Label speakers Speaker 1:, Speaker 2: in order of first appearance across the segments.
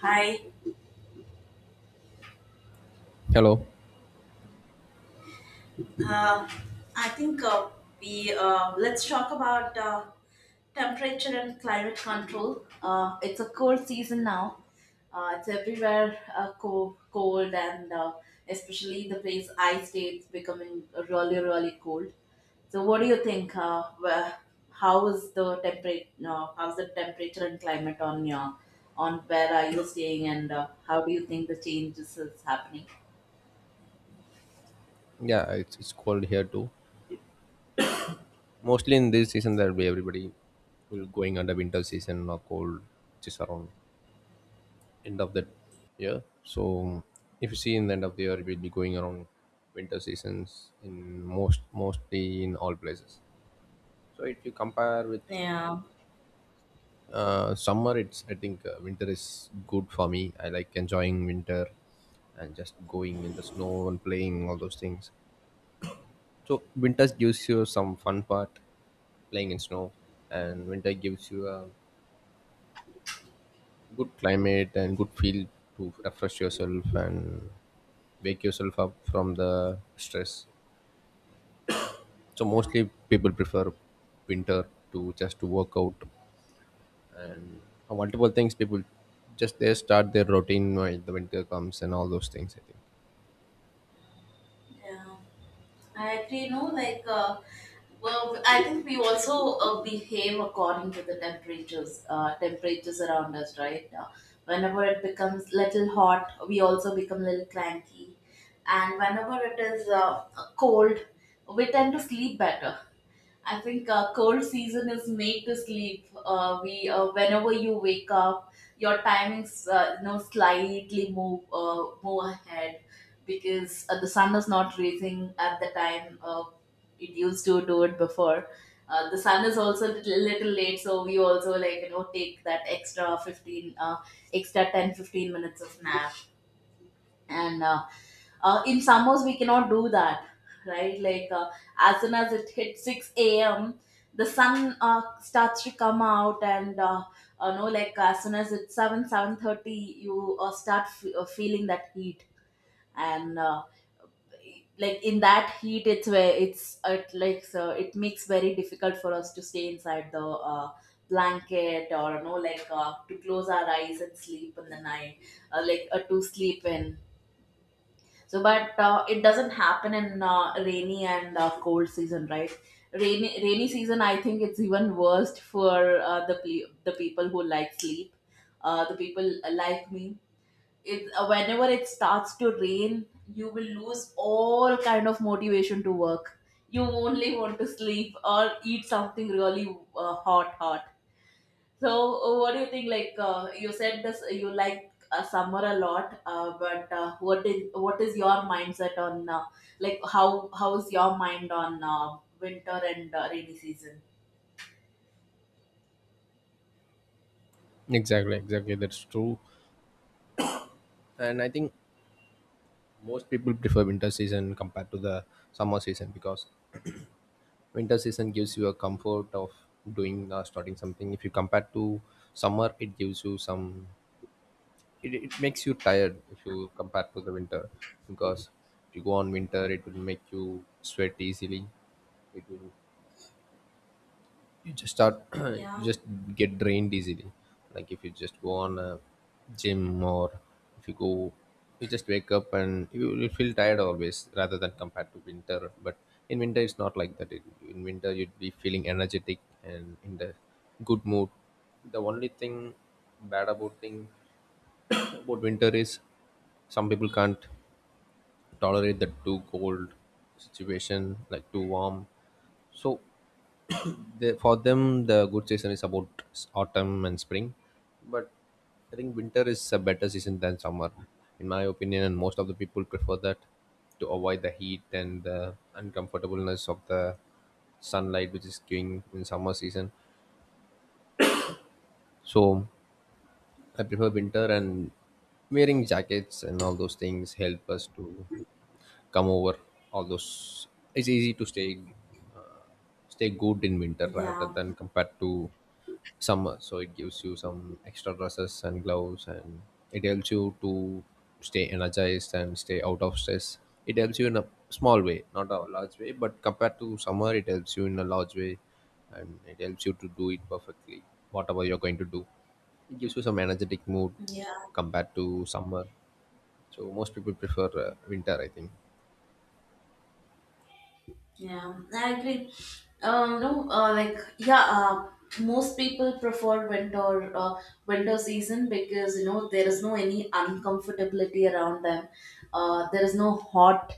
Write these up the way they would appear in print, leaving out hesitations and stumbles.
Speaker 1: Hi.
Speaker 2: Hello.
Speaker 1: Uh, I think we let's talk about temperature and climate control. It's a cold season now. It's everywhere cold, and especially the place I stay, it's becoming really, really cold. So, what do you think? How is the temperature? How's the temperature and climate on where are you staying, and how do you think the changes is happening?
Speaker 2: Yeah, it's cold here too. Mostly in this season that we everybody will going under winter season or cold, which is around end of the year. So if you see in the end of the year, it will be going around winter seasons in mostly in all places. So if you compare with
Speaker 1: Yeah.
Speaker 2: summer, it's I think winter is good for me. I like enjoying winter and just going in the snow and playing all those things. So winter gives you some fun part, playing in snow, and winter gives you a good climate and good feel to refresh yourself and wake yourself up from the stress. So
Speaker 1: Yeah.
Speaker 2: mostly people prefer winter to just to work out. Multiple things people just they start their routine while the winter comes and all those things. I think
Speaker 1: Yeah. I agree, no, like, I think we also behave according to the temperatures, temperatures around us, right? Whenever it becomes little hot, we also become little cranky, and whenever it is cold, we tend to sleep better. I think cold season is made to sleep. We whenever you wake up, your timings you know slightly move ahead because the sun is not rising at the time it used to do it before. The sun is also a little late, so we also like you know take that extra extra 10, 15 minutes of nap and in summers we cannot do that right as soon as it hits 6 a.m., the sun starts to come out and no like as soon as it's 7 7:30 you feeling that heat and like in that heat it's where it's it like so it makes very difficult for us to stay inside the uh, blanket, or no like to close our eyes and sleep in the night, to sleep in. So, but it doesn't happen in rainy and cold season, right? Rainy season, I think it's even worst for the people who like sleep, the people like me. It Whenever it starts to rain, you will lose all kind of motivation to work. You only want to sleep or eat something really hot, hot. So, what do you think? You said, this you like summer a lot, but what is your mindset on how is your mind on winter and rainy season?
Speaker 2: exactly, exactly, that's true. And I think most people prefer winter season compared to the summer season because winter season gives you a comfort of doing starting something. If you compare to summer, it gives you some it makes you tired if you compare to the winter, because if you go on winter it will make you sweat easily. It will you just start you
Speaker 1: Yeah,
Speaker 2: just get drained easily, like if you just go on a gym, or if you go you just wake up and you will feel tired always, rather than compared to winter. But in winter it's not like that. In winter you'd be feeling energetic and in the good mood. The only thing bad about winter is some people can't tolerate the too cold situation, like too warm. So they, for them the good season is about autumn and spring. But I think winter is a better season than summer in my opinion, and most of the people prefer that to avoid the heat and the uncomfortableness of the sunlight which is giving in summer season. So I prefer winter, and wearing jackets and all those things help us to come over all those. It's easy to stay good in winter rather
Speaker 1: yeah,
Speaker 2: than compared to summer. So it gives you some extra dresses and gloves, and it helps you to stay energized and stay out of stress. It helps you in a small way, not a large way, but compared to summer it helps you in a large way, and it helps you to do it perfectly, whatever you're going to do. It gives you some energetic mood
Speaker 1: yeah.
Speaker 2: compared to summer. So most people prefer winter, I think.
Speaker 1: Yeah, I agree. No, like yeah, most people prefer winter, winter season because you know there is no any uncomfortability around them. There is no hot,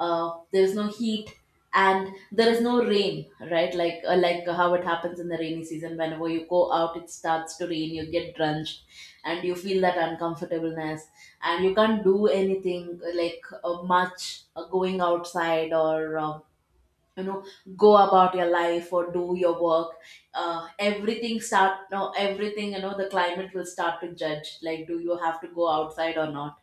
Speaker 1: there is no heat, and there is no rain. Right, like how it happens in the rainy season. Whenever you go out, it starts to rain. You get drenched, and you feel that uncomfortableness, and you can't do anything much going outside or. You know, go about your life or do your work, everything start no everything, you know, the climate will start to judge like do you have to go outside or not.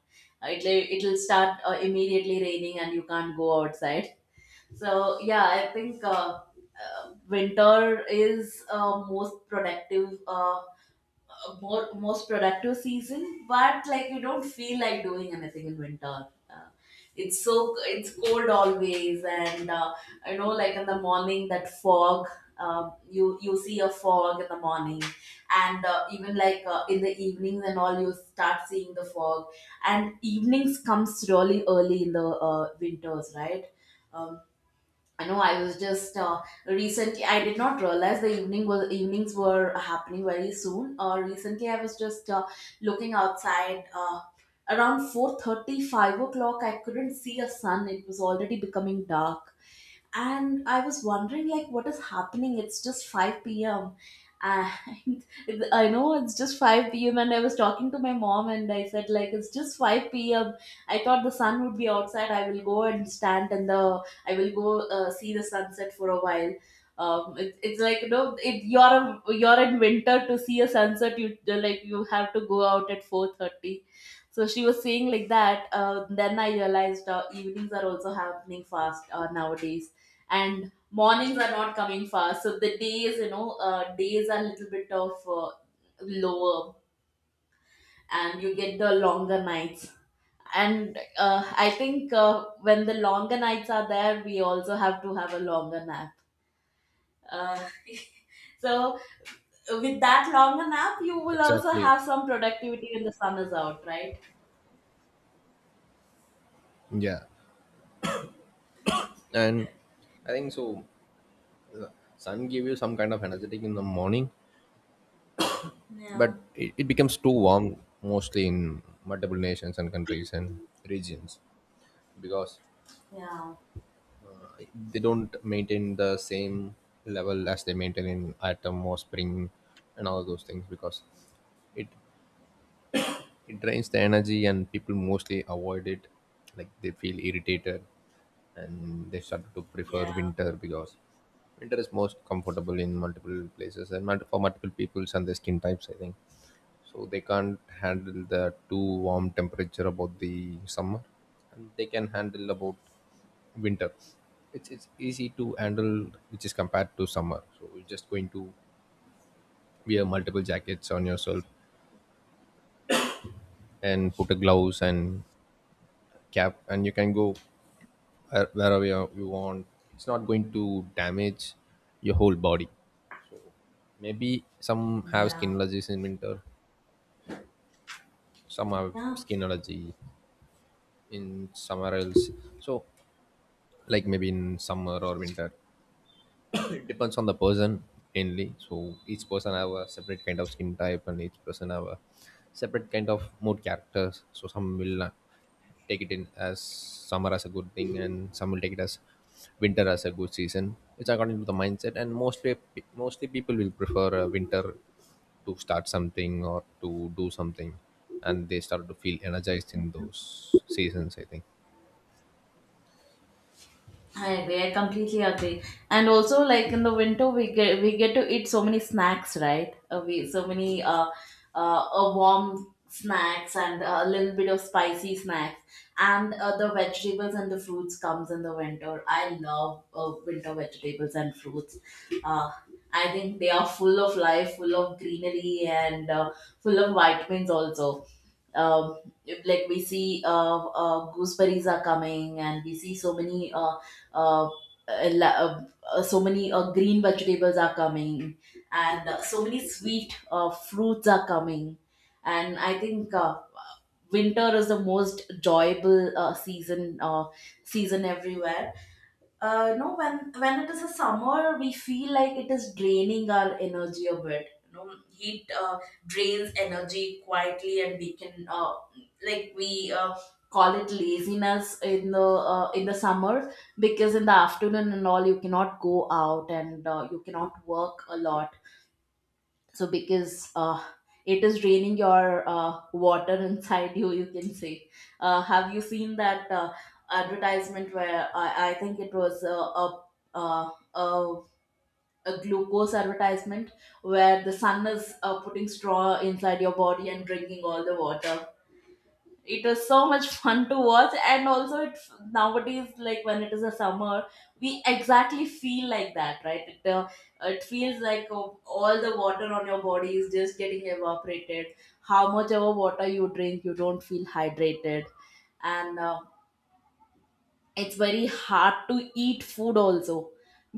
Speaker 1: It'll start immediately raining and you can't go outside. So yeah, I think uh, winter is most productive more most productive season, but like you don't feel like doing anything in winter. It's so it's cold always, and I know like in the morning that fog. You see a fog in the morning, and even like in the evenings and all, you start seeing the fog. And evenings comes really early in the winters, right? Um, I know I was just recently. I did not realize the evenings were happening very soon. Recently, I was just looking outside. Around 4:30, 5 o'clock, I couldn't see a sun. It was already becoming dark, and I was wondering like what is happening, it's just 5 p.m., and I know it's just 5 p.m., and I was talking to my mom and I said like it's just 5 p.m. I thought the sun would be outside, I will go and stand, and the I will go, see the sunset for a while. It, it's like you know it, you're in winter, to see a sunset you like you have to go out at 4:30. So she was saying like that. Then I realized evenings are also happening fast nowadays, and mornings are not coming fast. So the days, you know, days are a little bit of lower, and you get the longer nights. And I think when the longer nights are there, we also have to have a longer nap. Uh, so with that longer nap, you will also
Speaker 2: Exactly.
Speaker 1: have some productivity when the sun is out, right?
Speaker 2: Yeah. And I think so, sun give you some kind of energetic in the morning, but
Speaker 1: Yeah.
Speaker 2: it becomes too warm mostly in multiple nations and countries and regions, because
Speaker 1: Yeah.
Speaker 2: they don't maintain the same level as they maintain in autumn or spring and all those things. Because it it drains the energy, and people mostly avoid it, like they feel irritated, and they start to prefer
Speaker 1: Yeah.
Speaker 2: winter because winter is most comfortable in multiple places and for multiple peoples and their skin types, I think. So they can't handle the too warm temperature about the summer, and they can handle about winter. It's easy to handle, which is compared to summer. So you're just going to wear multiple jackets on yourself and put a gloves and cap, and you can go wherever you want. It's not going to damage your whole body. So maybe some have
Speaker 1: Yeah.
Speaker 2: skin allergies in winter, some have
Speaker 1: Yeah.
Speaker 2: skin allergy in somewhere else. So like maybe in summer or winter, it depends on the person mainly. So each person have a separate kind of skin type, and each person have a separate kind of mood characters. So some will take it in as summer as a good thing, and some will take it as winter as a good season. It's according to the mindset, and most pe mostly people will prefer winter to start something or to do something, and they start to feel energized in those seasons, I think.
Speaker 1: I agree. I completely agree. And also, like in the winter, we get to eat so many snacks, right? We so many warm snacks and a little bit of spicy snacks, and the vegetables and the fruits comes in the winter. I love winter vegetables and fruits. Uh, I think they are full of life, full of greenery, and full of vitamins also. um, like we see gooseberries are coming, and we see so many uh, uh, la- uh, so many green vegetables are coming, and so many sweet fruits are coming. And I think winter is the most enjoyable season everywhere. No when when it is a summer, we feel like it is draining our energy a bit, you know, heat drains energy quietly, and we can like we call it laziness in the summer, because in the afternoon and all you cannot go out and you cannot work a lot. So because it is draining your water inside you, you can say. Have you seen that advertisement where I think it was uh, a, a glucose advertisement where the sun is putting straw inside your body and drinking all the water? It was so much fun to watch. And also it, nowadays like when it is a summer, we exactly feel like that, right? It feels like, oh, all the water on your body is just getting evaporated. How much ever water you drink, you don't feel hydrated. And it's very hard to eat food also,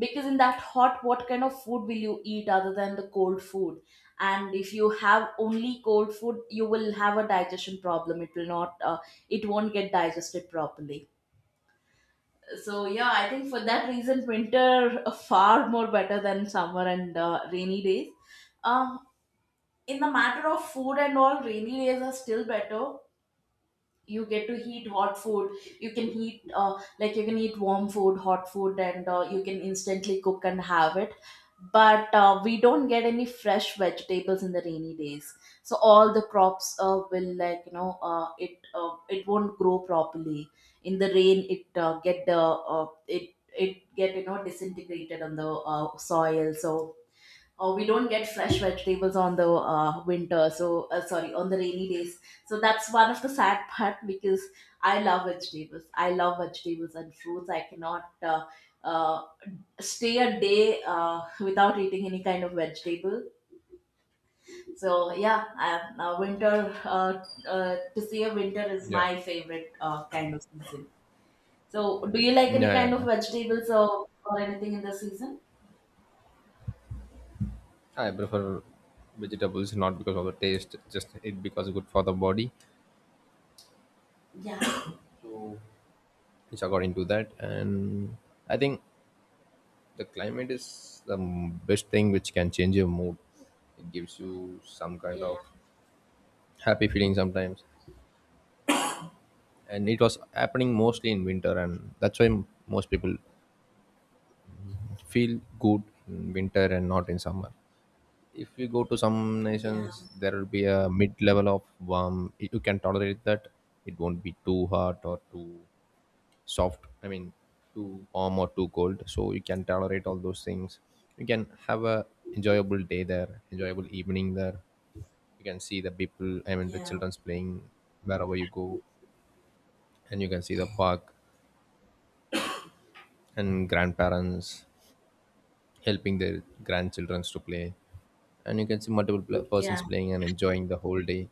Speaker 1: because in that hot, what kind of food will you eat other than the cold food? And if you have only cold food, you will have a digestion problem. It will not it won't get digested properly. So yeah, I think for that reason winter far more better than summer and rainy days. uh, in the matter of food and all, rainy days are still better. You get to heat hot food. You can heat like you can eat warm food, hot food, and you can instantly cook and have it. But we don't get any fresh vegetables in the rainy days. So all the crops will, like you know, it won't grow properly in the rain. It Get the uh, it it get, you know, disintegrated on the soil. So, or we don't get fresh vegetables on the winter, so sorry, on the rainy days. So that's one of the sad part, because I love vegetables. I love vegetables and fruits. I cannot uh, stay a day without eating any kind of vegetable. So yeah, I, winter to see a winter is
Speaker 2: Yeah.
Speaker 1: my favorite kind of season. So do you like
Speaker 2: yeah
Speaker 1: any
Speaker 2: yeah,
Speaker 1: kind of
Speaker 2: yeah.
Speaker 1: vegetables, or anything in the season?
Speaker 2: I prefer vegetables not because of the taste, just it because good for the body.
Speaker 1: Yeah,
Speaker 2: So it's according to that, and I think the climate is the best thing which can change your mood. It gives you some kind
Speaker 1: yeah,
Speaker 2: of happy feeling sometimes, and it was happening mostly in winter, and that's why most people feel good in winter and not in summer. If you go to some
Speaker 1: yeah,
Speaker 2: nations, there will be a mid level of warm. You can tolerate that. It won't be too hot or too soft, I mean too warm or too cold, so you can tolerate all those things. You can have a enjoyable day there, enjoyable evening there. You can see the people, I mean the
Speaker 1: yeah,
Speaker 2: children's playing wherever you go, and you can see the park and grandparents helping their grandchildren to play, and you can see multiple persons
Speaker 1: yeah.
Speaker 2: playing and enjoying the whole day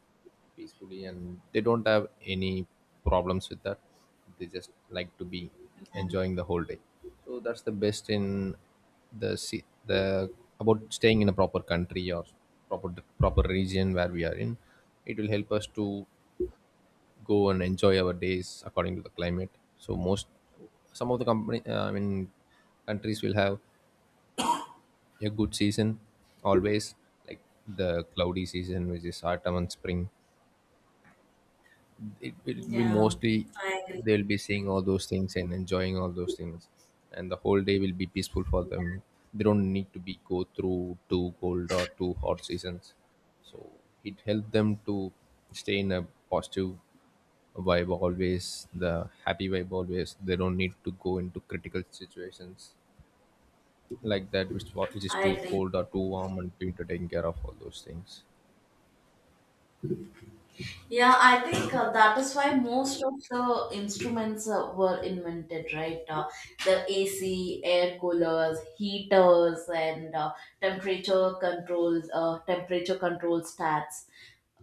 Speaker 2: peacefully, and they don't have any problems with that. They just like to be enjoying the whole day. So that's the best in the the about staying in a proper country or proper proper region where we are in. It will help us to go and enjoy our days according to the climate. So most some of the company I mean countries will have a good season always, like the cloudy season which is autumn and spring. It will be
Speaker 1: Yeah,
Speaker 2: mostly
Speaker 1: I agree.
Speaker 2: they'll be seeing all those things and enjoying all those things, and the whole day will be peaceful for them. They don't need to be go through two cold or two hot seasons. So it helped them to stay in a positive vibe always, the happy vibe always. They don't need to go into critical situations like that, which which is
Speaker 1: I
Speaker 2: too
Speaker 1: agree.
Speaker 2: cold or too warm, and we need to take care of all those things.
Speaker 1: Yeah, I think that is why most of the instruments were invented, right? The AC, air coolers, heaters, and temperature controls, temperature control stats.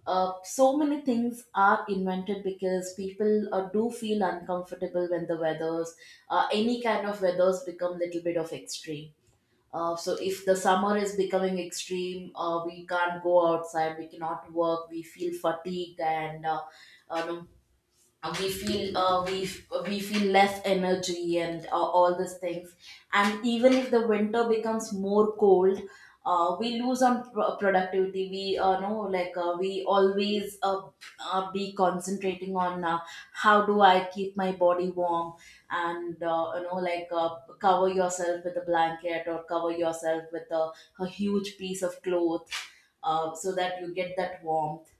Speaker 1: So many things are invented because people do feel uncomfortable when the weathers, any kind of weathers, become little bit of extreme. So if the summer is becoming extreme, we can't go outside, we cannot work, we feel fatigued and um, we feel uh, we we feel less energy, and all these things. And even if the winter becomes more cold, we lose on productivity. We know, like, we always be concentrating on, how do I keep my body warm, and you know, like, cover yourself with a blanket or cover yourself with a huge piece of cloth, so that you get that warmth.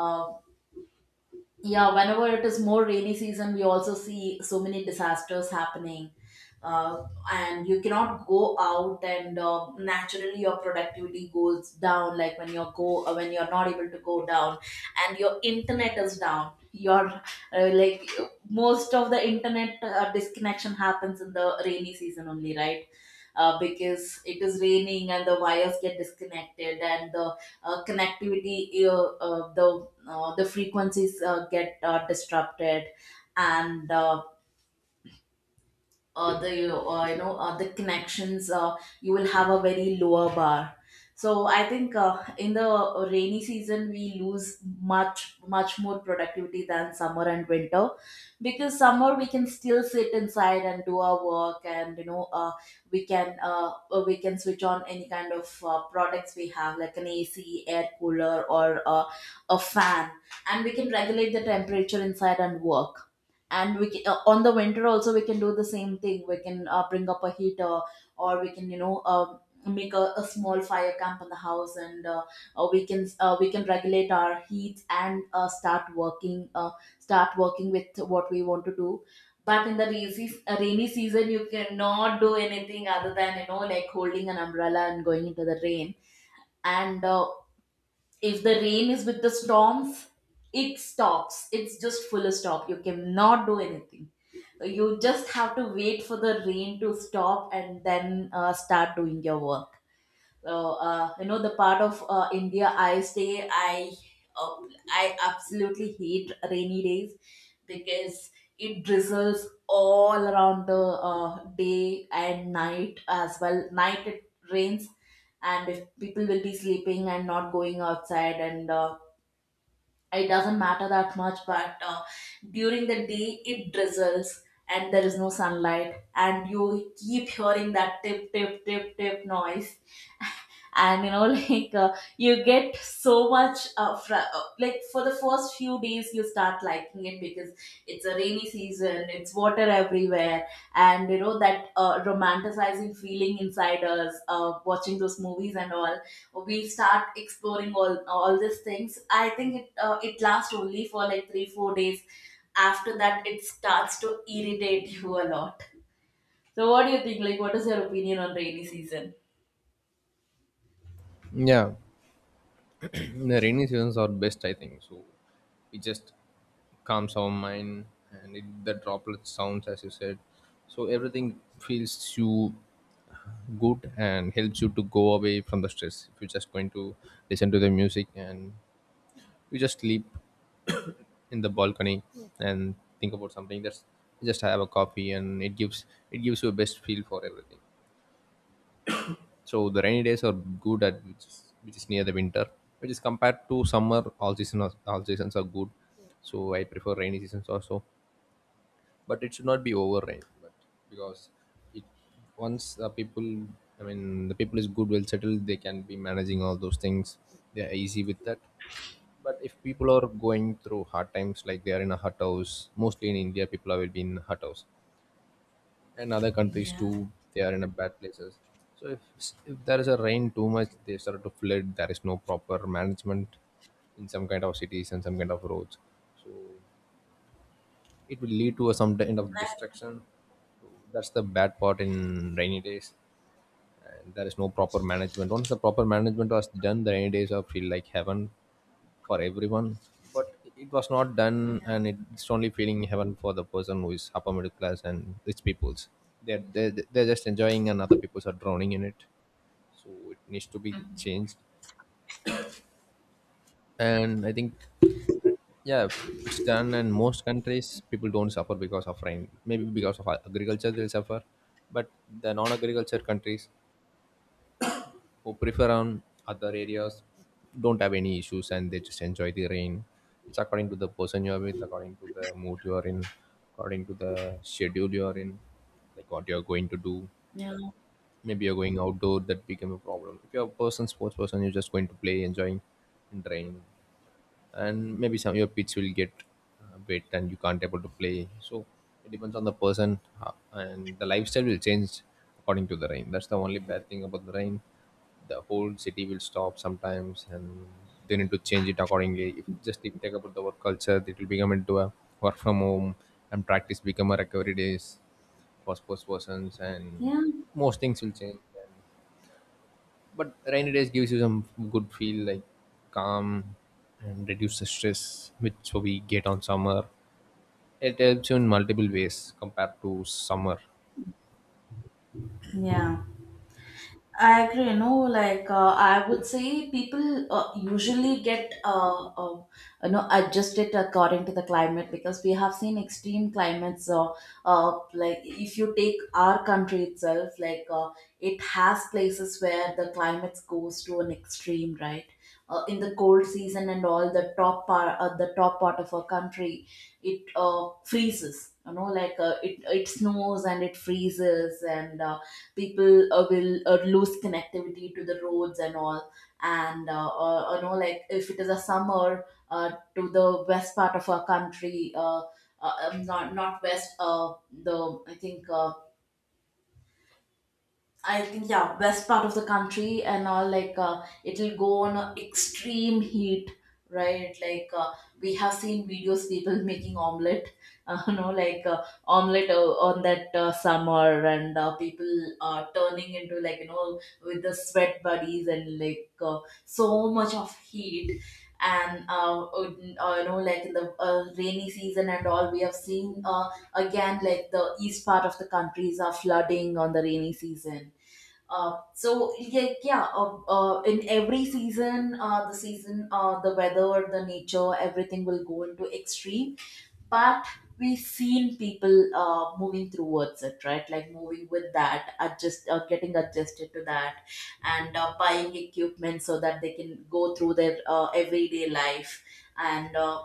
Speaker 1: Uh, yeah, whenever it is more rainy season we also see so many disasters happening, uh, and you cannot go out, and naturally your productivity goes down, like when you go when you're not able to go down, and your internet is down, your like most of the internet disconnection happens in the rainy season only, right? Because it is raining and the wires get disconnected, and the connectivity the frequencies get disrupted. And the connections, you will have a very lower bar. So I think, in the rainy season we lose much much more productivity than summer and winter, because summer we can still sit inside and do our work, and you know, we can switch on any kind of products we have, like an AC, air cooler, or a fan, and we can regulate the temperature inside and work. And we can, on the winter also we can do the same thing, we can bring up a heater, or we can, you know, make a small fire camp in the house, and we can regulate our heat and start working, start working with what we want to do. But in the rainy, rainy season, you cannot do anything other than, you know, like holding an umbrella and going into the rain. And if the rain is with the storms, it stops, it's just full stop, you cannot do anything. You just have to wait for the rain to stop, and then start doing your work. So, you know the part of India I stay, uh, I absolutely hate rainy days, because it drizzles all around the day, and night as well, night it rains. And if people will be sleeping and not going outside, and it doesn't matter that much, but during the day it drizzles, and there is no sunlight, and you keep hearing that tip tip tip tip noise. And you know like, you get so much like, for the first few days you start liking it because it's a rainy season, it's water everywhere. And you know that romanticizing feeling inside us, watching those movies and all, we start exploring all these things. I think it it lasts only for like 3 4 days. After that it starts to irritate you a lot. So what do you think, like what is your opinion on rainy season?
Speaker 2: Yeah. The rainy seasons are best, I think so. It just calms our mind, and it, the droplet sounds as you said. So everything feels you good, and helps you to go away from the stress if you're just going to listen to the music, and you just sleep in the balcony and think about something, that's just have a coffee, and it gives you a best feel for everything. So the rainy days are good at which is near the winter, which is compared to summer. All all seasons are good, so I prefer rainy seasons also. But it should not be over rain, but because it once the people, I mean the people is good, well settled, they can be managing all those things. They are easy with that. But if people are going through hard times, like they are in a hut house, mostly in India, people are will be in hut house, and other countries
Speaker 1: Yeah.
Speaker 2: too, they are in a bad places. So if there is a rain too much, they start to flood. There is no proper management in some kind of cities and some kind of roads, so it will lead to a some kind of destruction. So that's the bad part in rainy days, and there is no proper management. Once the proper management was done, the rainy days are feel like heaven for everyone, but it was not done, and
Speaker 1: Yeah.
Speaker 2: it's only feeling heaven for the person who is upper middle class and rich peoples. They're just enjoying, and other peoples are drowning in it. So it needs to be changed, and I think yeah, if it's done and most countries people don't suffer because of rain, maybe because of agriculture they'll suffer. But the non-agriculture countries who prefer on other areas don't have any issues, and they just enjoy the rain. It's according to the person you're with, according to the mood you're in, according to the schedule you're in, like what you're going to do.
Speaker 1: Yeah.
Speaker 2: Maybe you're going outdoor, that became a problem. If you're a person sports person, you're just going to play enjoying in rain, and maybe some your pitch will get wet and you can't able to play. So it depends on the person and the lifestyle will change according to the rain. That's the only bad thing about the rain. The whole city will stop sometimes, and they need to change it accordingly. If just if you take about the work culture, it will become into a work from home, and practice become a recovery days for sports persons. And
Speaker 1: Yeah,
Speaker 2: most things will change, and but rainy days gives you some good feel, like calm, and reduce the stress which we get on summer. It helps you in multiple ways compared to summer.
Speaker 1: yeah, I agree. You know, like, I would say, people usually get you know adjusted according to the climate, because we have seen extreme climates. Like if you take our country itself, like, it has places where the climate goes to an extreme, right? In the cold season and all, the top part of our country, it freezes. You know, like, it it snows and it freezes and. People will lose connectivity to the roads and all. And you know, like, if it is a summer, to the west part of our country, not not west, the, I think, I think yeah, west part of the country and all, like, it'll go on a extreme heat, right? Like, we have seen videos, people making omelet, you know, like, omelet on that summer, and people turning into, like, you know, with the sweat buddies, and like, so much of heat. And you know, like in the rainy season and all, we have seen, again like the east part of the countries are flooding on the rainy season. So yeah, yeah. In every season, the season, the weather, the nature, everything will go into extreme. But we've seen people moving towards it, right? Like moving with that, adjust, getting adjusted to that, and buying equipment so that they can go through their everyday life. And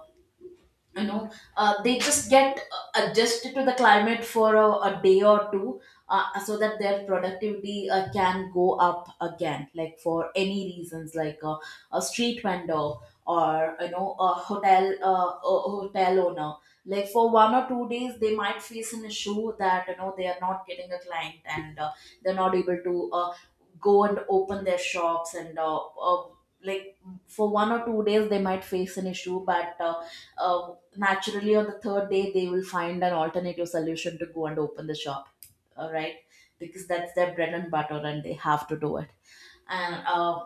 Speaker 1: you know, they just get adjusted to the climate for a day or two, so that their productivity can go up again, like for any reasons, like a street vendor, or you know, a hotel, a hotel owner. Like for 1 or 2 days they might face an issue, that you know they are not getting a client, and they're not able to go and open their shops, and like, for 1 or 2 days they might face an issue, but naturally on the third day they will find an alternative solution to go and open the shop, all right, because that's their bread and butter and they have to do it. And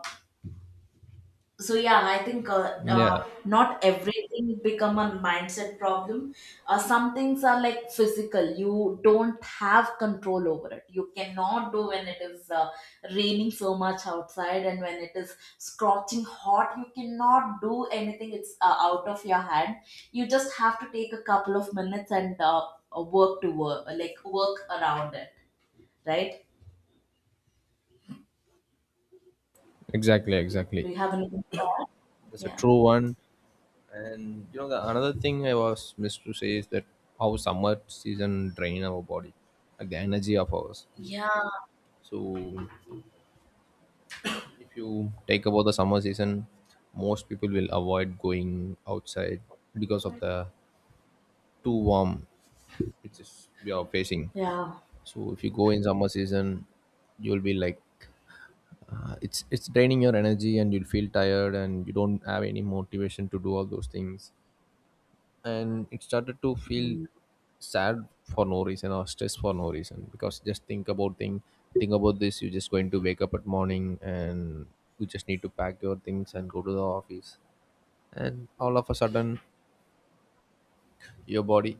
Speaker 1: so yeah, I think,
Speaker 2: Yeah,
Speaker 1: not everything become a mindset problem. Some things are like physical, you don't have control over it, you cannot do. When it is raining so much outside, and when it is scorching hot, you cannot do anything, it's out of your hand. You just have to take a couple of minutes and work to work, like work around it, right?
Speaker 2: exactly, exactly.
Speaker 1: Do you have anything to add?
Speaker 2: That's a
Speaker 1: Yeah.
Speaker 2: true one. And you know, the another thing I was missed to say is that how summer season drain our body, like the energy of ours.
Speaker 1: Yeah.
Speaker 2: So if you take about the summer season, most people will avoid going outside because of the too warm which is we are facing.
Speaker 1: Yeah,
Speaker 2: So if you go in summer season, you'll be like it's draining your energy, and you'll feel tired, and you don't have any motivation to do all those things. And it started to feel
Speaker 1: mm,
Speaker 2: sad for no reason or stressed for no reason. Because just think about this, you're just going to wake up at morning, and you just need to pack your things and go to the office, and all of a sudden your body,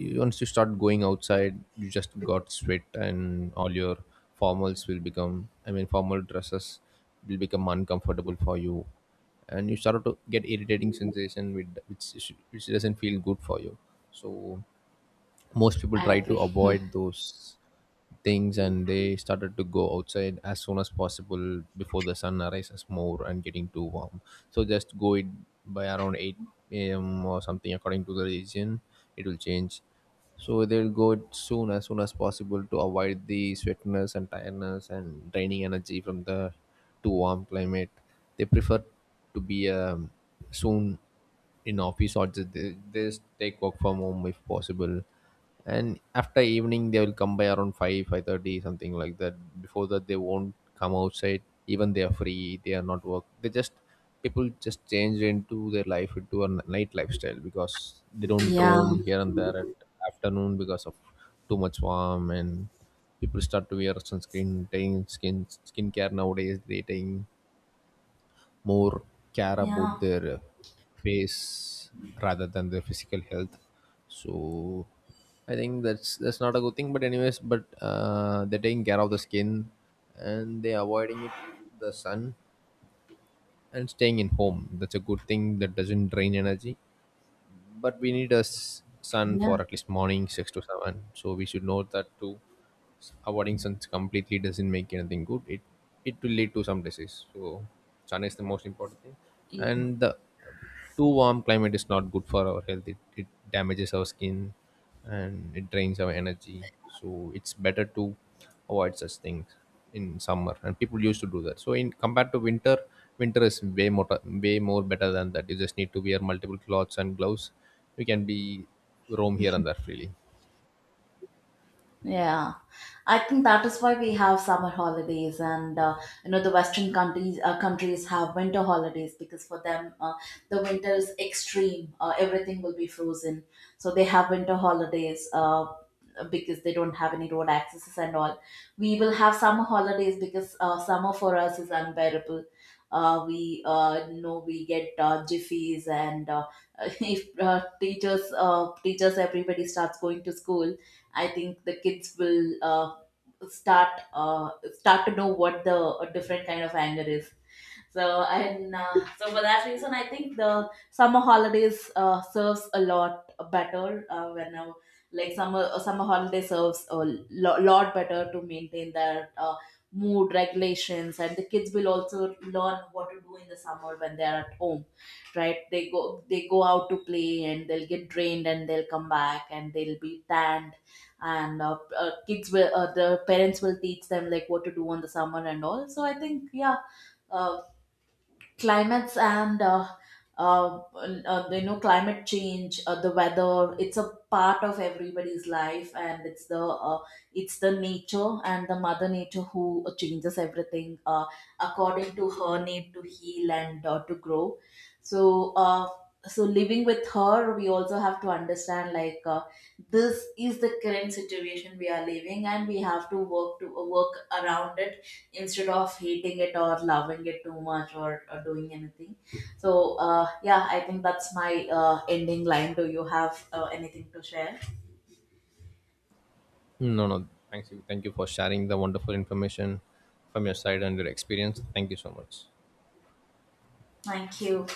Speaker 2: you- once you start going outside, you just got sweat, and all your formals will become, I mean formal dresses will become uncomfortable for you, and you start to get irritating sensation with which doesn't feel good for you. So most people
Speaker 1: I
Speaker 2: try to
Speaker 1: agree.
Speaker 2: avoid those things, and they started to go outside as soon as possible before the sun arises more and getting too warm. So just go it by around 8 a.m. or something according to the region. It will change. So they'll go it soon as possible to avoid the sweatness and tiredness and draining energy from the too warm climate. They prefer to be soon in office or just, they just take work from home if possible, and after evening they will come by around 5 5:30 something like that. Before that they won't come outside, even they are free, they are not work, they just people just change into their life into a night lifestyle, because they don't
Speaker 1: Yeah.
Speaker 2: roam here and there at afternoon because of too much warm. And people start to wear sunscreen, taking skincare. Nowadays they taking more care about
Speaker 1: Yeah.
Speaker 2: their face rather than their physical health. So I think that's not a good thing, but anyways, but they're taking care of the skin, and they're avoiding it, the sun, and staying in home. That's a good thing, that doesn't drain energy. But we need a sun for
Speaker 1: Yeah.
Speaker 2: at least morning 6 to 7, so we should know that too. Avoiding sun completely doesn't make anything good. It will lead to some disease. So sun is the most important thing, and the too warm climate is not good for our health. It damages our skin, and it drains our energy. So it's better to avoid such things in summer. And people used to do that. So in compared to winter, winter is way more better than that. You just need to wear multiple clothes and gloves. You can be roam here and there freely.
Speaker 1: Yeah, I think that is why we have summer holidays, and you know the Western countries countries have winter holidays, because for them the winter is extreme. Everything will be frozen, so they have winter holidays, because they don't have any road accesses and all. We will have summer holidays because summer for us is unbearable. We know we get jiffies, and if teachers, everybody starts going to school, I think the kids will start start to know what the different kind of anger is. So and so for that reason I think the summer holidays serves a lot better, when, like summer, summer holiday serves a lot better to maintain their mood regulations, and the kids will also learn what to do in the summer when they are at home. Right? They go, they go out to play, and they'll get drained, and they'll come back, and they'll be tanned. And kids will the parents will teach them like what to do on the summer and all. So I think yeah, uh, climates and you know, climate change, the weather, it's a part of everybody's life, and it's the nature, and the mother nature who changes everything according to her need to heal and to grow. So so living with her, we also have to understand, like, this is the current situation we are living, and we have to work around it, instead of hating it or loving it too much, or doing anything. So, yeah, I think that's my ending line. Do you have anything to share?
Speaker 2: No, no. Thanks. Thank you for sharing the wonderful information from your side and your experience. Thank you so much.
Speaker 1: Thank you.